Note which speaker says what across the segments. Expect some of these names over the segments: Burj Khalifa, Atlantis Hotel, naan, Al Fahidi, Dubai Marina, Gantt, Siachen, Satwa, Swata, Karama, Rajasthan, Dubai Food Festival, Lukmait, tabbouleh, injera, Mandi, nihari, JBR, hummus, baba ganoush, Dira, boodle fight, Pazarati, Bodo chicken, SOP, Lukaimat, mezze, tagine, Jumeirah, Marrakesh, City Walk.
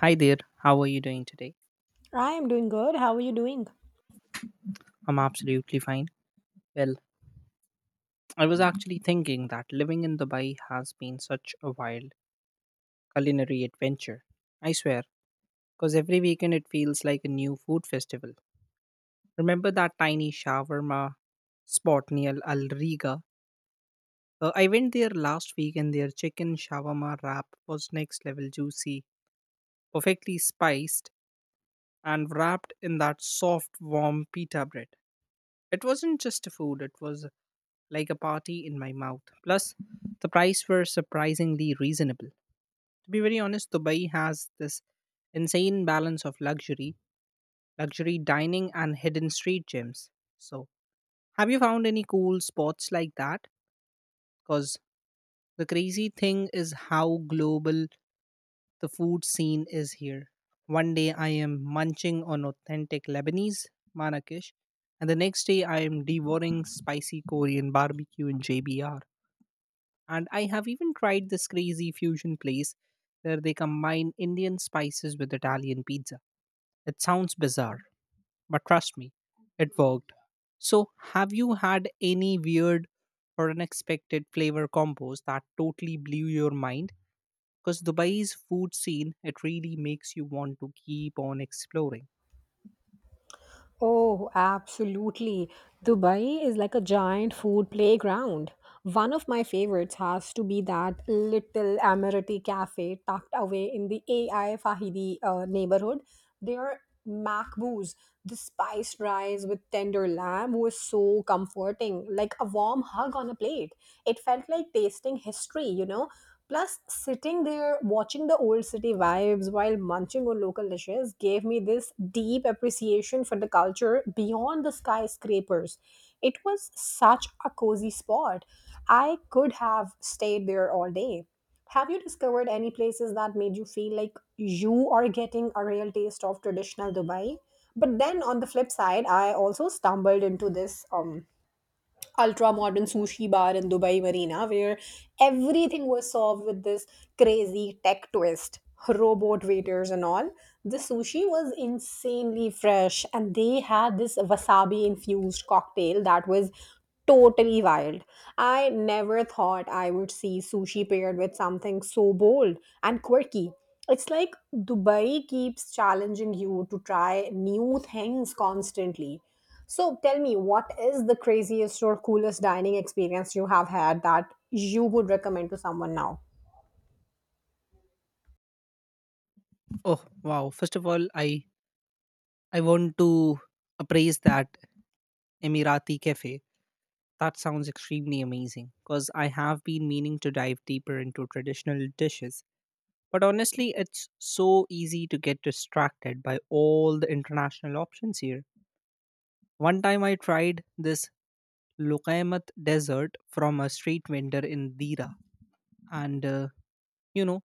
Speaker 1: Hi there, how are you doing today?
Speaker 2: I am doing good. How are you doing?
Speaker 1: I'm absolutely fine. Well, I was actually thinking that living in Dubai has been such a wild culinary adventure. I swear, because every weekend it feels like a new food festival. Remember that tiny shawarma spot near Al Riga? I went there last week and their chicken shawarma wrap was next level juicy, perfectly spiced, and wrapped in that soft, warm pita bread. It wasn't just a food, it was like a party in my mouth. Plus, the price were surprisingly reasonable. To be very honest, Dubai has this insane balance of luxury dining, and hidden street gyms. So, have you found any cool spots like that? Because the crazy thing is how global the food scene is here. One day I am munching on authentic Lebanese Marrakesh, and the next day I am devouring spicy Korean barbecue in JBR. And I have even tried this crazy fusion place where they combine Indian spices with Italian pizza. It sounds bizarre, but trust me, it worked. So, have you had any weird or unexpected flavor combos that totally blew your mind? Because Dubai's food scene, it really makes you want to keep on exploring.
Speaker 2: Oh, absolutely. Dubai is like a giant food playground. One of my favorites has to be that little Amirati cafe tucked away in the AI Fahidi neighborhood. Their makbous, the spiced rice with tender lamb, was so comforting, like a warm hug on a plate. It felt like tasting history, you know? Plus, sitting there watching the old city vibes while munching on local dishes gave me this deep appreciation for the culture beyond the skyscrapers. It was such a cozy spot. I could have stayed there all day. Have you discovered any places that made you feel like you are getting a real taste of traditional Dubai? But then on the flip side, I also stumbled into this ultra modern sushi bar in Dubai Marina where everything was solved with this crazy tech twist, robot waiters and all. The sushi was insanely fresh and they had this wasabi infused cocktail that was totally wild. I never thought I would see sushi paired with something so bold and quirky. It's like Dubai keeps challenging you to try new things constantly. So tell me, what is the craziest or coolest dining experience you have had that you would recommend to someone now?
Speaker 1: Oh wow! First of all, I want to appraise that Emirati cafe. That sounds extremely amazing because I have been meaning to dive deeper into traditional dishes. But honestly, it's so easy to get distracted by all the international options here. One time I tried this Lukaimat dessert from a street vendor in Dira, and you know,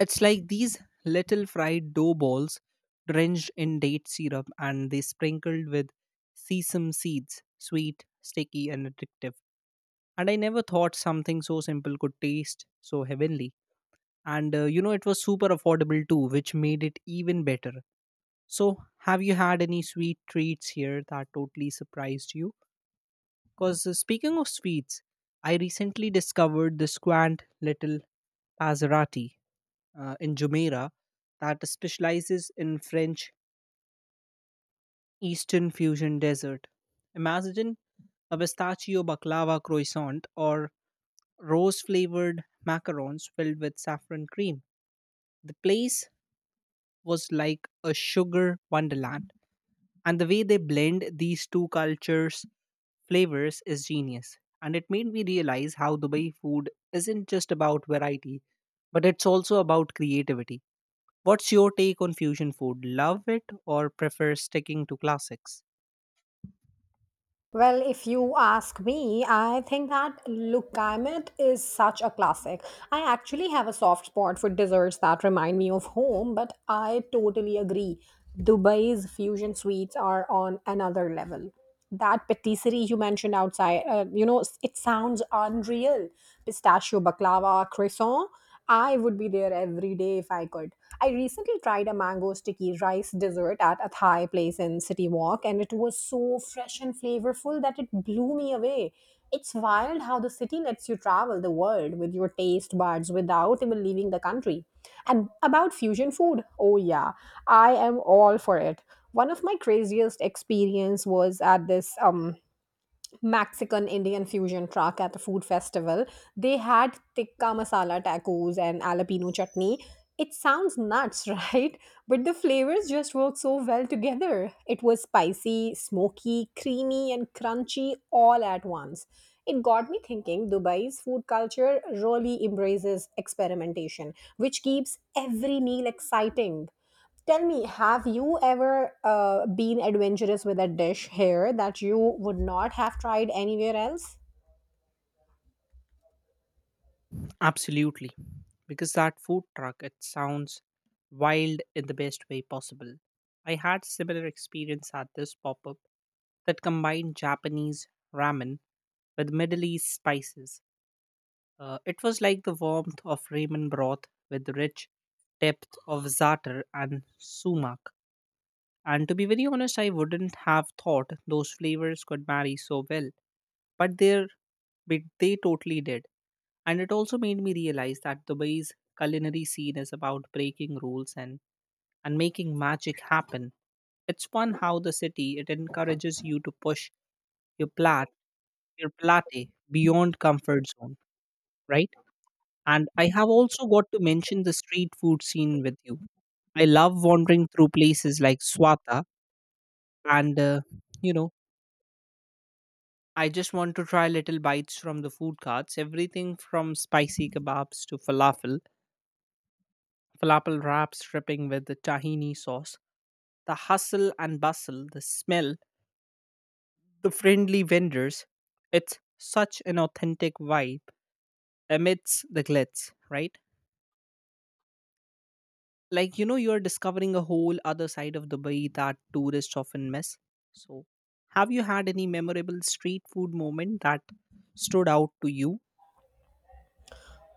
Speaker 1: it's like these little fried dough balls drenched in date syrup and they sprinkled with sesame seeds, sweet, sticky, and addictive. And I never thought something so simple could taste so heavenly. And it was super affordable too, which made it even better. So, have you had any sweet treats here that totally surprised you? Because speaking of sweets, I recently discovered this quaint little Pazarati, in Jumeirah that specializes in French Eastern fusion dessert. Imagine a pistachio baklava croissant or rose flavored macarons filled with saffron cream. The place was like a sugar wonderland, and the way they blend these two cultures' flavors is genius. And it made me realize how Dubai food isn't just about variety, but it's also about creativity. What's your take on fusion food? Love it or prefer sticking to classics?
Speaker 2: Well, if you ask me, I think that Lukaimet is such a classic. I actually have a soft spot for desserts that remind me of home, but I totally agree. Dubai's fusion sweets are on another level. That patisserie you mentioned outside, you know, it sounds unreal. Pistachio baklava, croissant, I would be there every day if I could. I recently tried a mango sticky rice dessert at a Thai place in City Walk, and it was so fresh and flavorful that it blew me away. It's wild how the city lets you travel the world with your taste buds without even leaving the country. And about fusion food, oh yeah, I am all for it. One of my craziest experience was at this Mexican Indian fusion truck at the food festival. They had tikka masala tacos and jalapeno chutney. It sounds nuts, right? But the flavors just work so well together. It was spicy, smoky, creamy, and crunchy all at once. It got me thinking Dubai's food culture really embraces experimentation, which keeps every meal exciting. Tell me, have you ever been adventurous with a dish here that you would not have tried anywhere else?
Speaker 1: Absolutely. Because that food truck, it sounds wild in the best way possible. I had similar experience at this pop-up that combined Japanese ramen with Middle East spices. It was like the warmth of ramen broth with the rich depth of za'atar and sumac. And to be very honest, I wouldn't have thought those flavors could marry so well, but they totally did. And it also made me realize that Dubai's culinary scene is about breaking rules and making magic happen. It's fun how the city it encourages you to push your plat your plate beyond comfort zone, right? And I have also got to mention the street food scene with you. I love wandering through places like Swata and you know I just want to try little bites from the food carts, everything from spicy kebabs to falafel wraps dripping with the tahini sauce, the hustle and bustle, the smell, the friendly vendors. It's such an authentic vibe amidst the glitz, right? Like, you know, you're discovering a whole other side of Dubai that tourists often miss. So, have you had any memorable street food moment that stood out to you?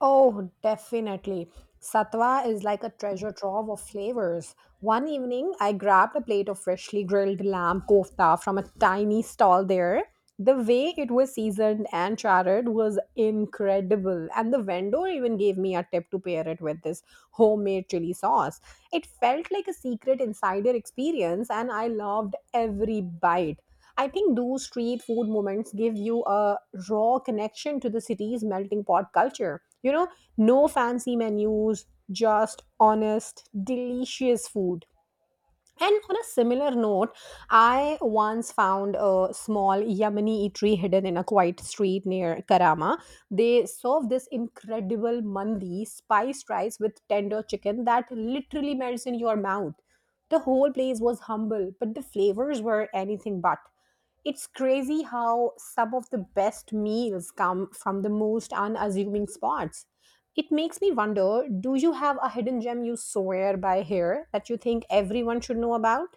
Speaker 2: Oh, definitely. Satwa is like a treasure trove of flavors. One evening, I grabbed a plate of freshly grilled lamb kofta from a tiny stall there. The way it was seasoned and charred was incredible, and the vendor even gave me a tip to pair it with this homemade chili sauce. It felt like a secret insider experience, and I loved every bite. I think those street food moments give you a raw connection to the city's melting pot culture. You know, no fancy menus, just honest, delicious food. And on a similar note, I once found a small Yemeni eatery hidden in a quiet street near Karama. They serve this incredible mandi, spiced rice with tender chicken that literally melts in your mouth. The whole place was humble, but the flavors were anything but. It's crazy how some of the best meals come from the most unassuming spots. It makes me wonder, do you have a hidden gem you swear by here that you think everyone should know about?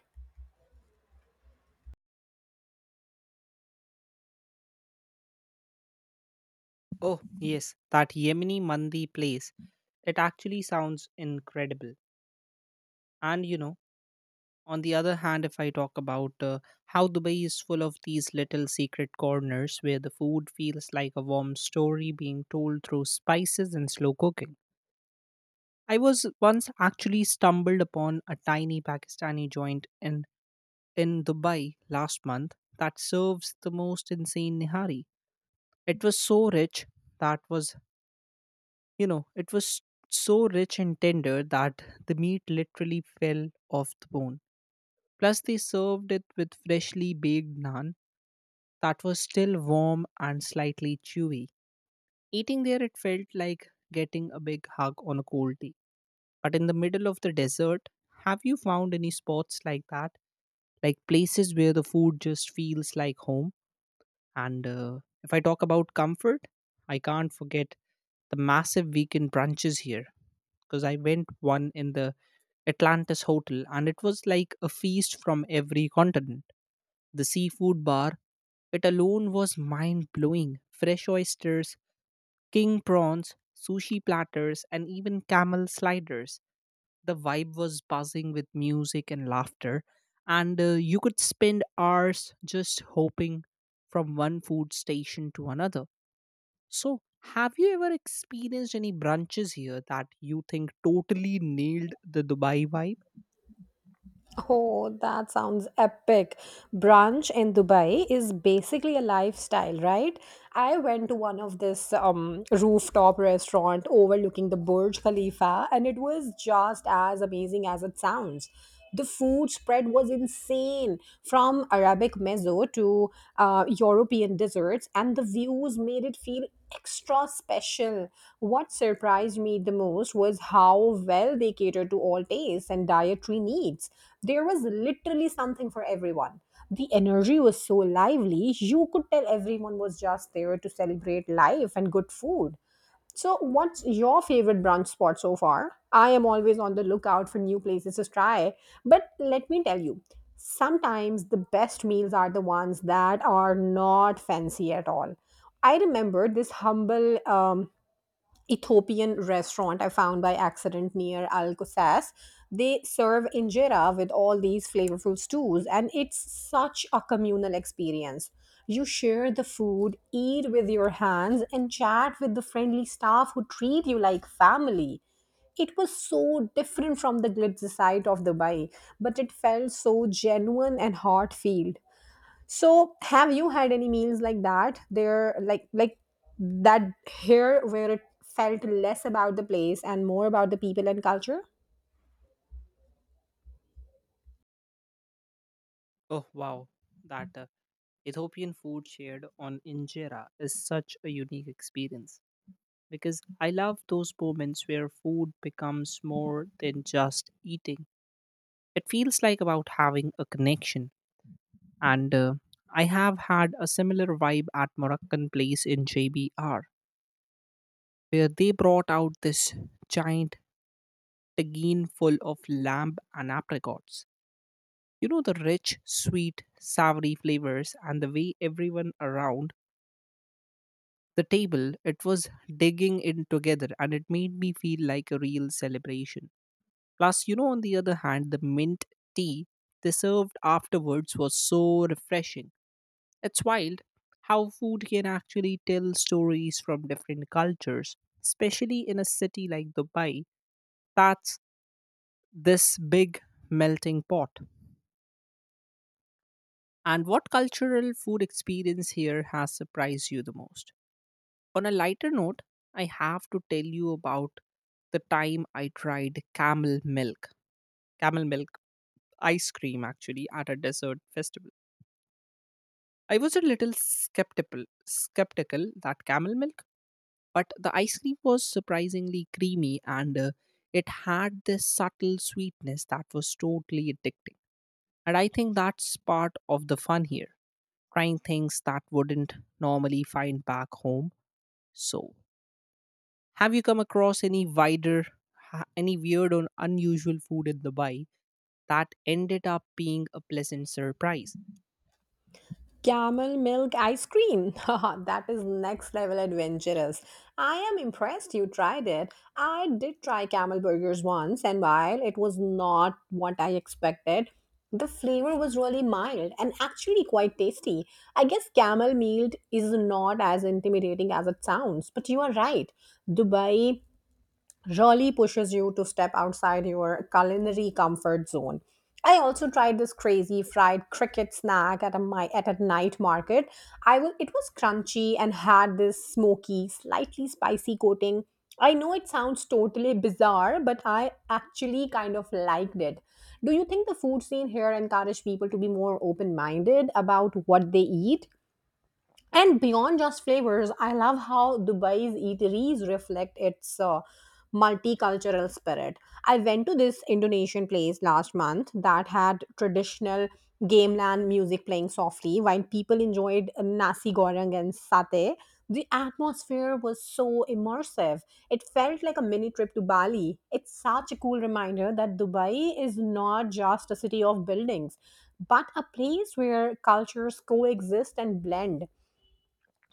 Speaker 1: Oh, yes, that Yemeni Mandi place. It actually sounds incredible. And you know, on the other hand, if I talk about how Dubai is full of these little secret corners where the food feels like a warm story being told through spices and slow cooking. I was once actually stumbled upon a tiny Pakistani joint in Dubai last month that serves the most insane nihari. It was so rich that was. You know, it was so rich and tender that the meat literally fell off the bone. Plus, they served it with freshly baked naan that was still warm and slightly chewy. Eating there, it felt like getting a big hug on a cold day. But in the middle of the desert, have you found any spots like that? Like places where the food just feels like home? And if I talk about comfort, I can't forget the massive weekend brunches here, because I went one in the Atlantis Hotel and it was like a feast from every continent. The seafood bar, it alone was mind blowing. Fresh oysters, king prawns, sushi platters, and even camel sliders. The vibe was buzzing with music and laughter, and you could spend hours just hopping from one food station to another. So, have you ever experienced any brunches here that you think totally nailed the Dubai vibe?
Speaker 2: Oh, that sounds epic. Brunch in Dubai is basically a lifestyle, right? I went to one of this rooftop restaurant overlooking the Burj Khalifa and it was just as amazing as it sounds. The food spread was insane, from Arabic mezzo to European desserts, and the views made it feel extra special. What surprised me the most was how well they catered to all tastes and dietary needs. There was literally something for everyone. The energy was so lively, you could tell everyone was just there to celebrate life and good food. So, what's your favorite brunch spot so far? I am always on the lookout for new places to try. But let me tell you, sometimes the best meals are the ones that are not fancy at all. I remember this humble Ethiopian restaurant I found by accident near Alcosace. They serve injera with all these flavorful stews, and it's such a communal experience. You share the food, eat with your hands, and chat with the friendly staff who treat you like family. It was so different from the glitz side of Dubai, but it felt so genuine and heartfelt. So have you had any meals like that? There like that here where it felt less about the place and more about the people and culture?
Speaker 1: Oh wow, that Ethiopian food shared on injera is such a unique experience. Because I love those moments where food becomes more than just eating. It feels like about having a connection. And I have had a similar vibe at Moroccan place in JBR, where they brought out this giant tagine full of lamb and apricots. You know, the rich, sweet, savory flavors, and the way everyone around the table it was digging in together, and it made me feel like a real celebration. Plus, you know, on the other hand, the mint tea they served afterwards was so refreshing. It's wild how food can actually tell stories from different cultures, especially in a city like Dubai. That's this big melting pot. And what cultural food experience here has surprised you the most? On a lighter note, I have to tell you about the time I tried camel milk ice cream actually at a dessert festival. I was a little skeptical that camel milk, but the ice cream was surprisingly creamy and it had this subtle sweetness that was totally addicting. And I think that's part of the fun here, trying things that wouldn't normally find back home. So, have you come across any any weird or unusual food in Dubai that ended up being a pleasant surprise?
Speaker 2: Camel milk ice cream. Haha, that is next level adventurous. I am impressed you tried it. I did try camel burgers once, and while it was not what I expected, the flavor was really mild and actually quite tasty. I guess camel meat is not as intimidating as it sounds, but you are right. Dubai really pushes you to step outside your culinary comfort zone. I also tried this crazy fried cricket snack at a night market. I will, it was crunchy and had this smoky, slightly spicy coating. I know it sounds totally bizarre, but I actually kind of liked it. Do you think the food scene here encourage people to be more open-minded about what they eat? And beyond just flavors, I love how Dubai's eateries reflect its multicultural spirit. I went to this Indonesian place last month that had traditional gamelan music playing softly while people enjoyed nasi goreng and satay. The atmosphere was so immersive. It felt like a mini trip to Bali. It's such a cool reminder that Dubai is not just a city of buildings, but a place where cultures coexist and blend.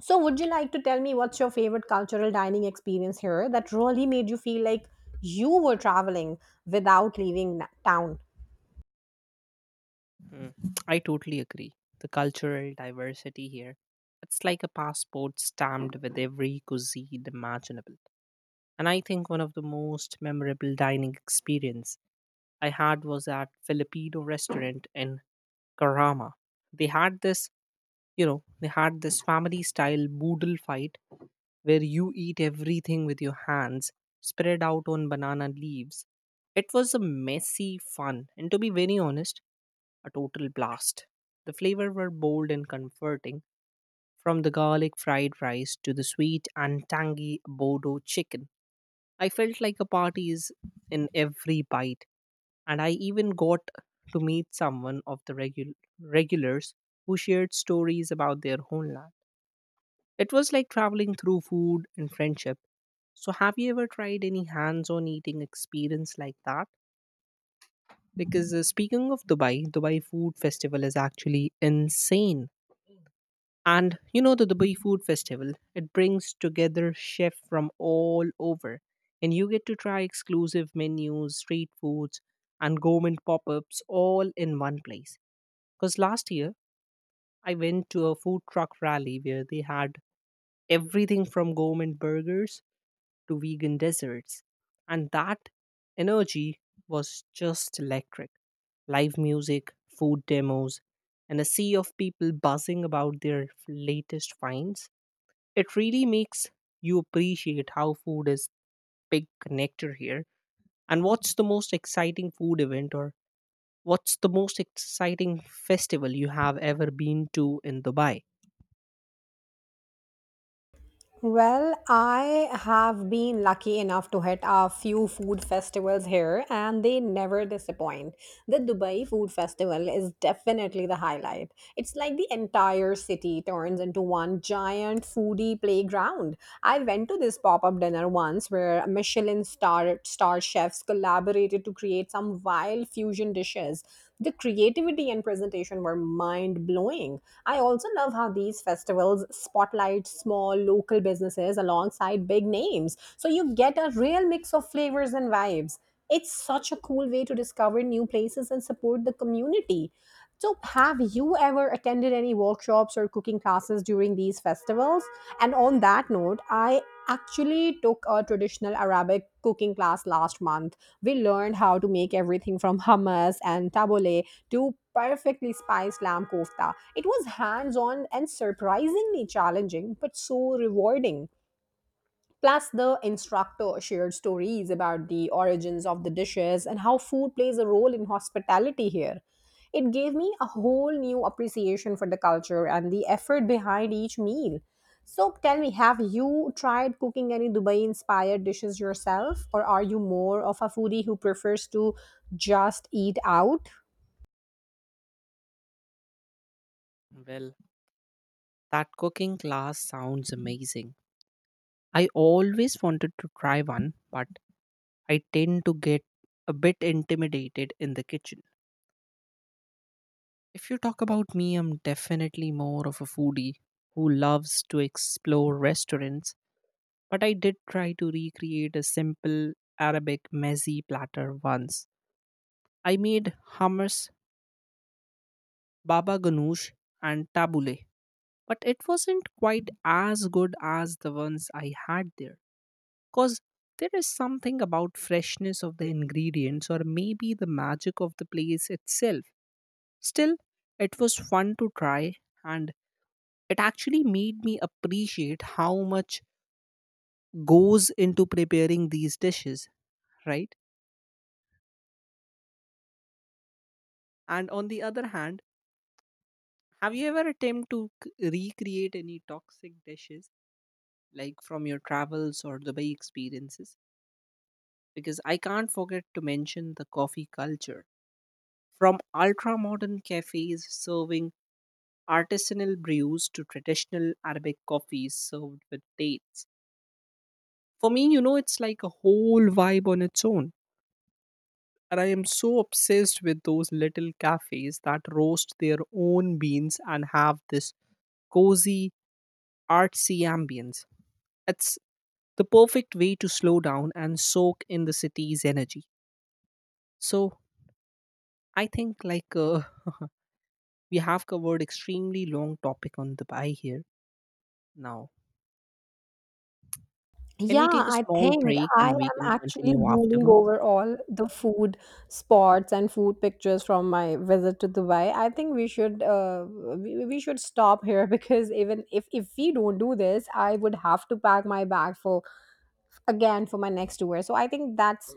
Speaker 2: So, would you like to tell me what's your favorite cultural dining experience here that really made you feel like you were traveling without leaving town?
Speaker 1: Mm, I totally agree. The cultural diversity here, it's like a passport stamped with every cuisine imaginable. And I think one of the most memorable dining experiences I had was at Filipino restaurant in Karama. They had this, you know, they had this family style boodle fight where you eat everything with your hands spread out on banana leaves. It was a messy fun and, to be very honest, a total blast. The flavor were bold and comforting, from the garlic fried rice to the sweet and tangy Bodo chicken. I felt like a party is in every bite, and I even got to meet someone of the regulars who shared stories about their homeland. It was like traveling through food and friendship. So, have you ever tried any hands on eating experience like that? Because speaking of Dubai, Dubai Food Festival is actually insane. And you know, the Dubai Food Festival, it brings together chefs from all over. And you get to try exclusive menus, street foods, and gourmet pop ups all in one place. Because last year I went to a food truck rally where they had everything from gourmet burgers to vegan desserts. And that energy was just electric. Live music, food demos, and a sea of people buzzing about their latest finds. It really makes you appreciate how food is big connector here. And what's the most exciting festival you have ever been to in Dubai?
Speaker 2: Well, I have been lucky enough to hit a few food festivals here and they never disappoint. The Dubai Food Festival is definitely the highlight. It's like the entire city turns into one giant foodie playground. I went to this pop-up dinner once where Michelin star chefs collaborated to create some wild fusion dishes. The creativity and presentation were mind-blowing. I also love how these festivals spotlight small local businesses alongside big names. So you get a real mix of flavors and vibes. It's such a cool way to discover new places and support the community. So, have you ever attended any workshops or cooking classes during these festivals? And on that note, I actually took a traditional Arabic cooking class last month. We learned how to make everything from hummus and tabbouleh to perfectly spiced lamb kofta. It was hands on and surprisingly challenging, but so rewarding. Plus, the instructor shared stories about the origins of the dishes and how food plays a role in hospitality here. It gave me a whole new appreciation for the culture and the effort behind each meal. So, tell me, have you tried cooking any Dubai inspired dishes yourself, or are you more of a foodie who prefers to just eat out?
Speaker 1: Well, that cooking class sounds amazing. I always wanted to try one, but I tend to get a bit intimidated in the kitchen. If you talk about me, I'm definitely more of a foodie who loves to explore restaurants, but I did try to recreate a simple Arabic mezze platter once. I made hummus, baba ganoush, and tabbouleh, but it wasn't quite as good as the ones I had there. Because there is something about freshness of the ingredients, or maybe the magic of the place itself. Still, it was fun to try, and it actually made me appreciate how much goes into preparing these dishes, right? And on the other hand, have you ever attempted to recreate any toxic dishes? Like from your travels or Dubai experiences? Because I can't forget to mention the coffee culture. From ultra modern cafes serving artisanal brews to traditional Arabic coffees served with dates. For me, you know, it's like a whole vibe on its own. And I am so obsessed with those little cafes that roast their own beans and have this cozy, artsy ambience. It's the perfect way to slow down and soak in the city's energy. So, I think like we have covered extremely long topic on the buy here now. Can
Speaker 2: Yeah,
Speaker 1: we take a
Speaker 2: I
Speaker 1: small
Speaker 2: think
Speaker 1: break
Speaker 2: I
Speaker 1: and we
Speaker 2: am
Speaker 1: can
Speaker 2: actually
Speaker 1: continue
Speaker 2: drooling
Speaker 1: afterwards?
Speaker 2: over all the food spots and food pictures from my visit to Dubai. I think we should we should stop here because even if we don't do this, I would have to pack my bag for again for my next tour. So I think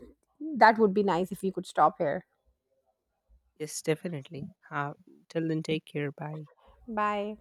Speaker 2: that would be nice if we could stop here.
Speaker 1: Yes, definitely. Till then, take care. Bye.
Speaker 2: Bye.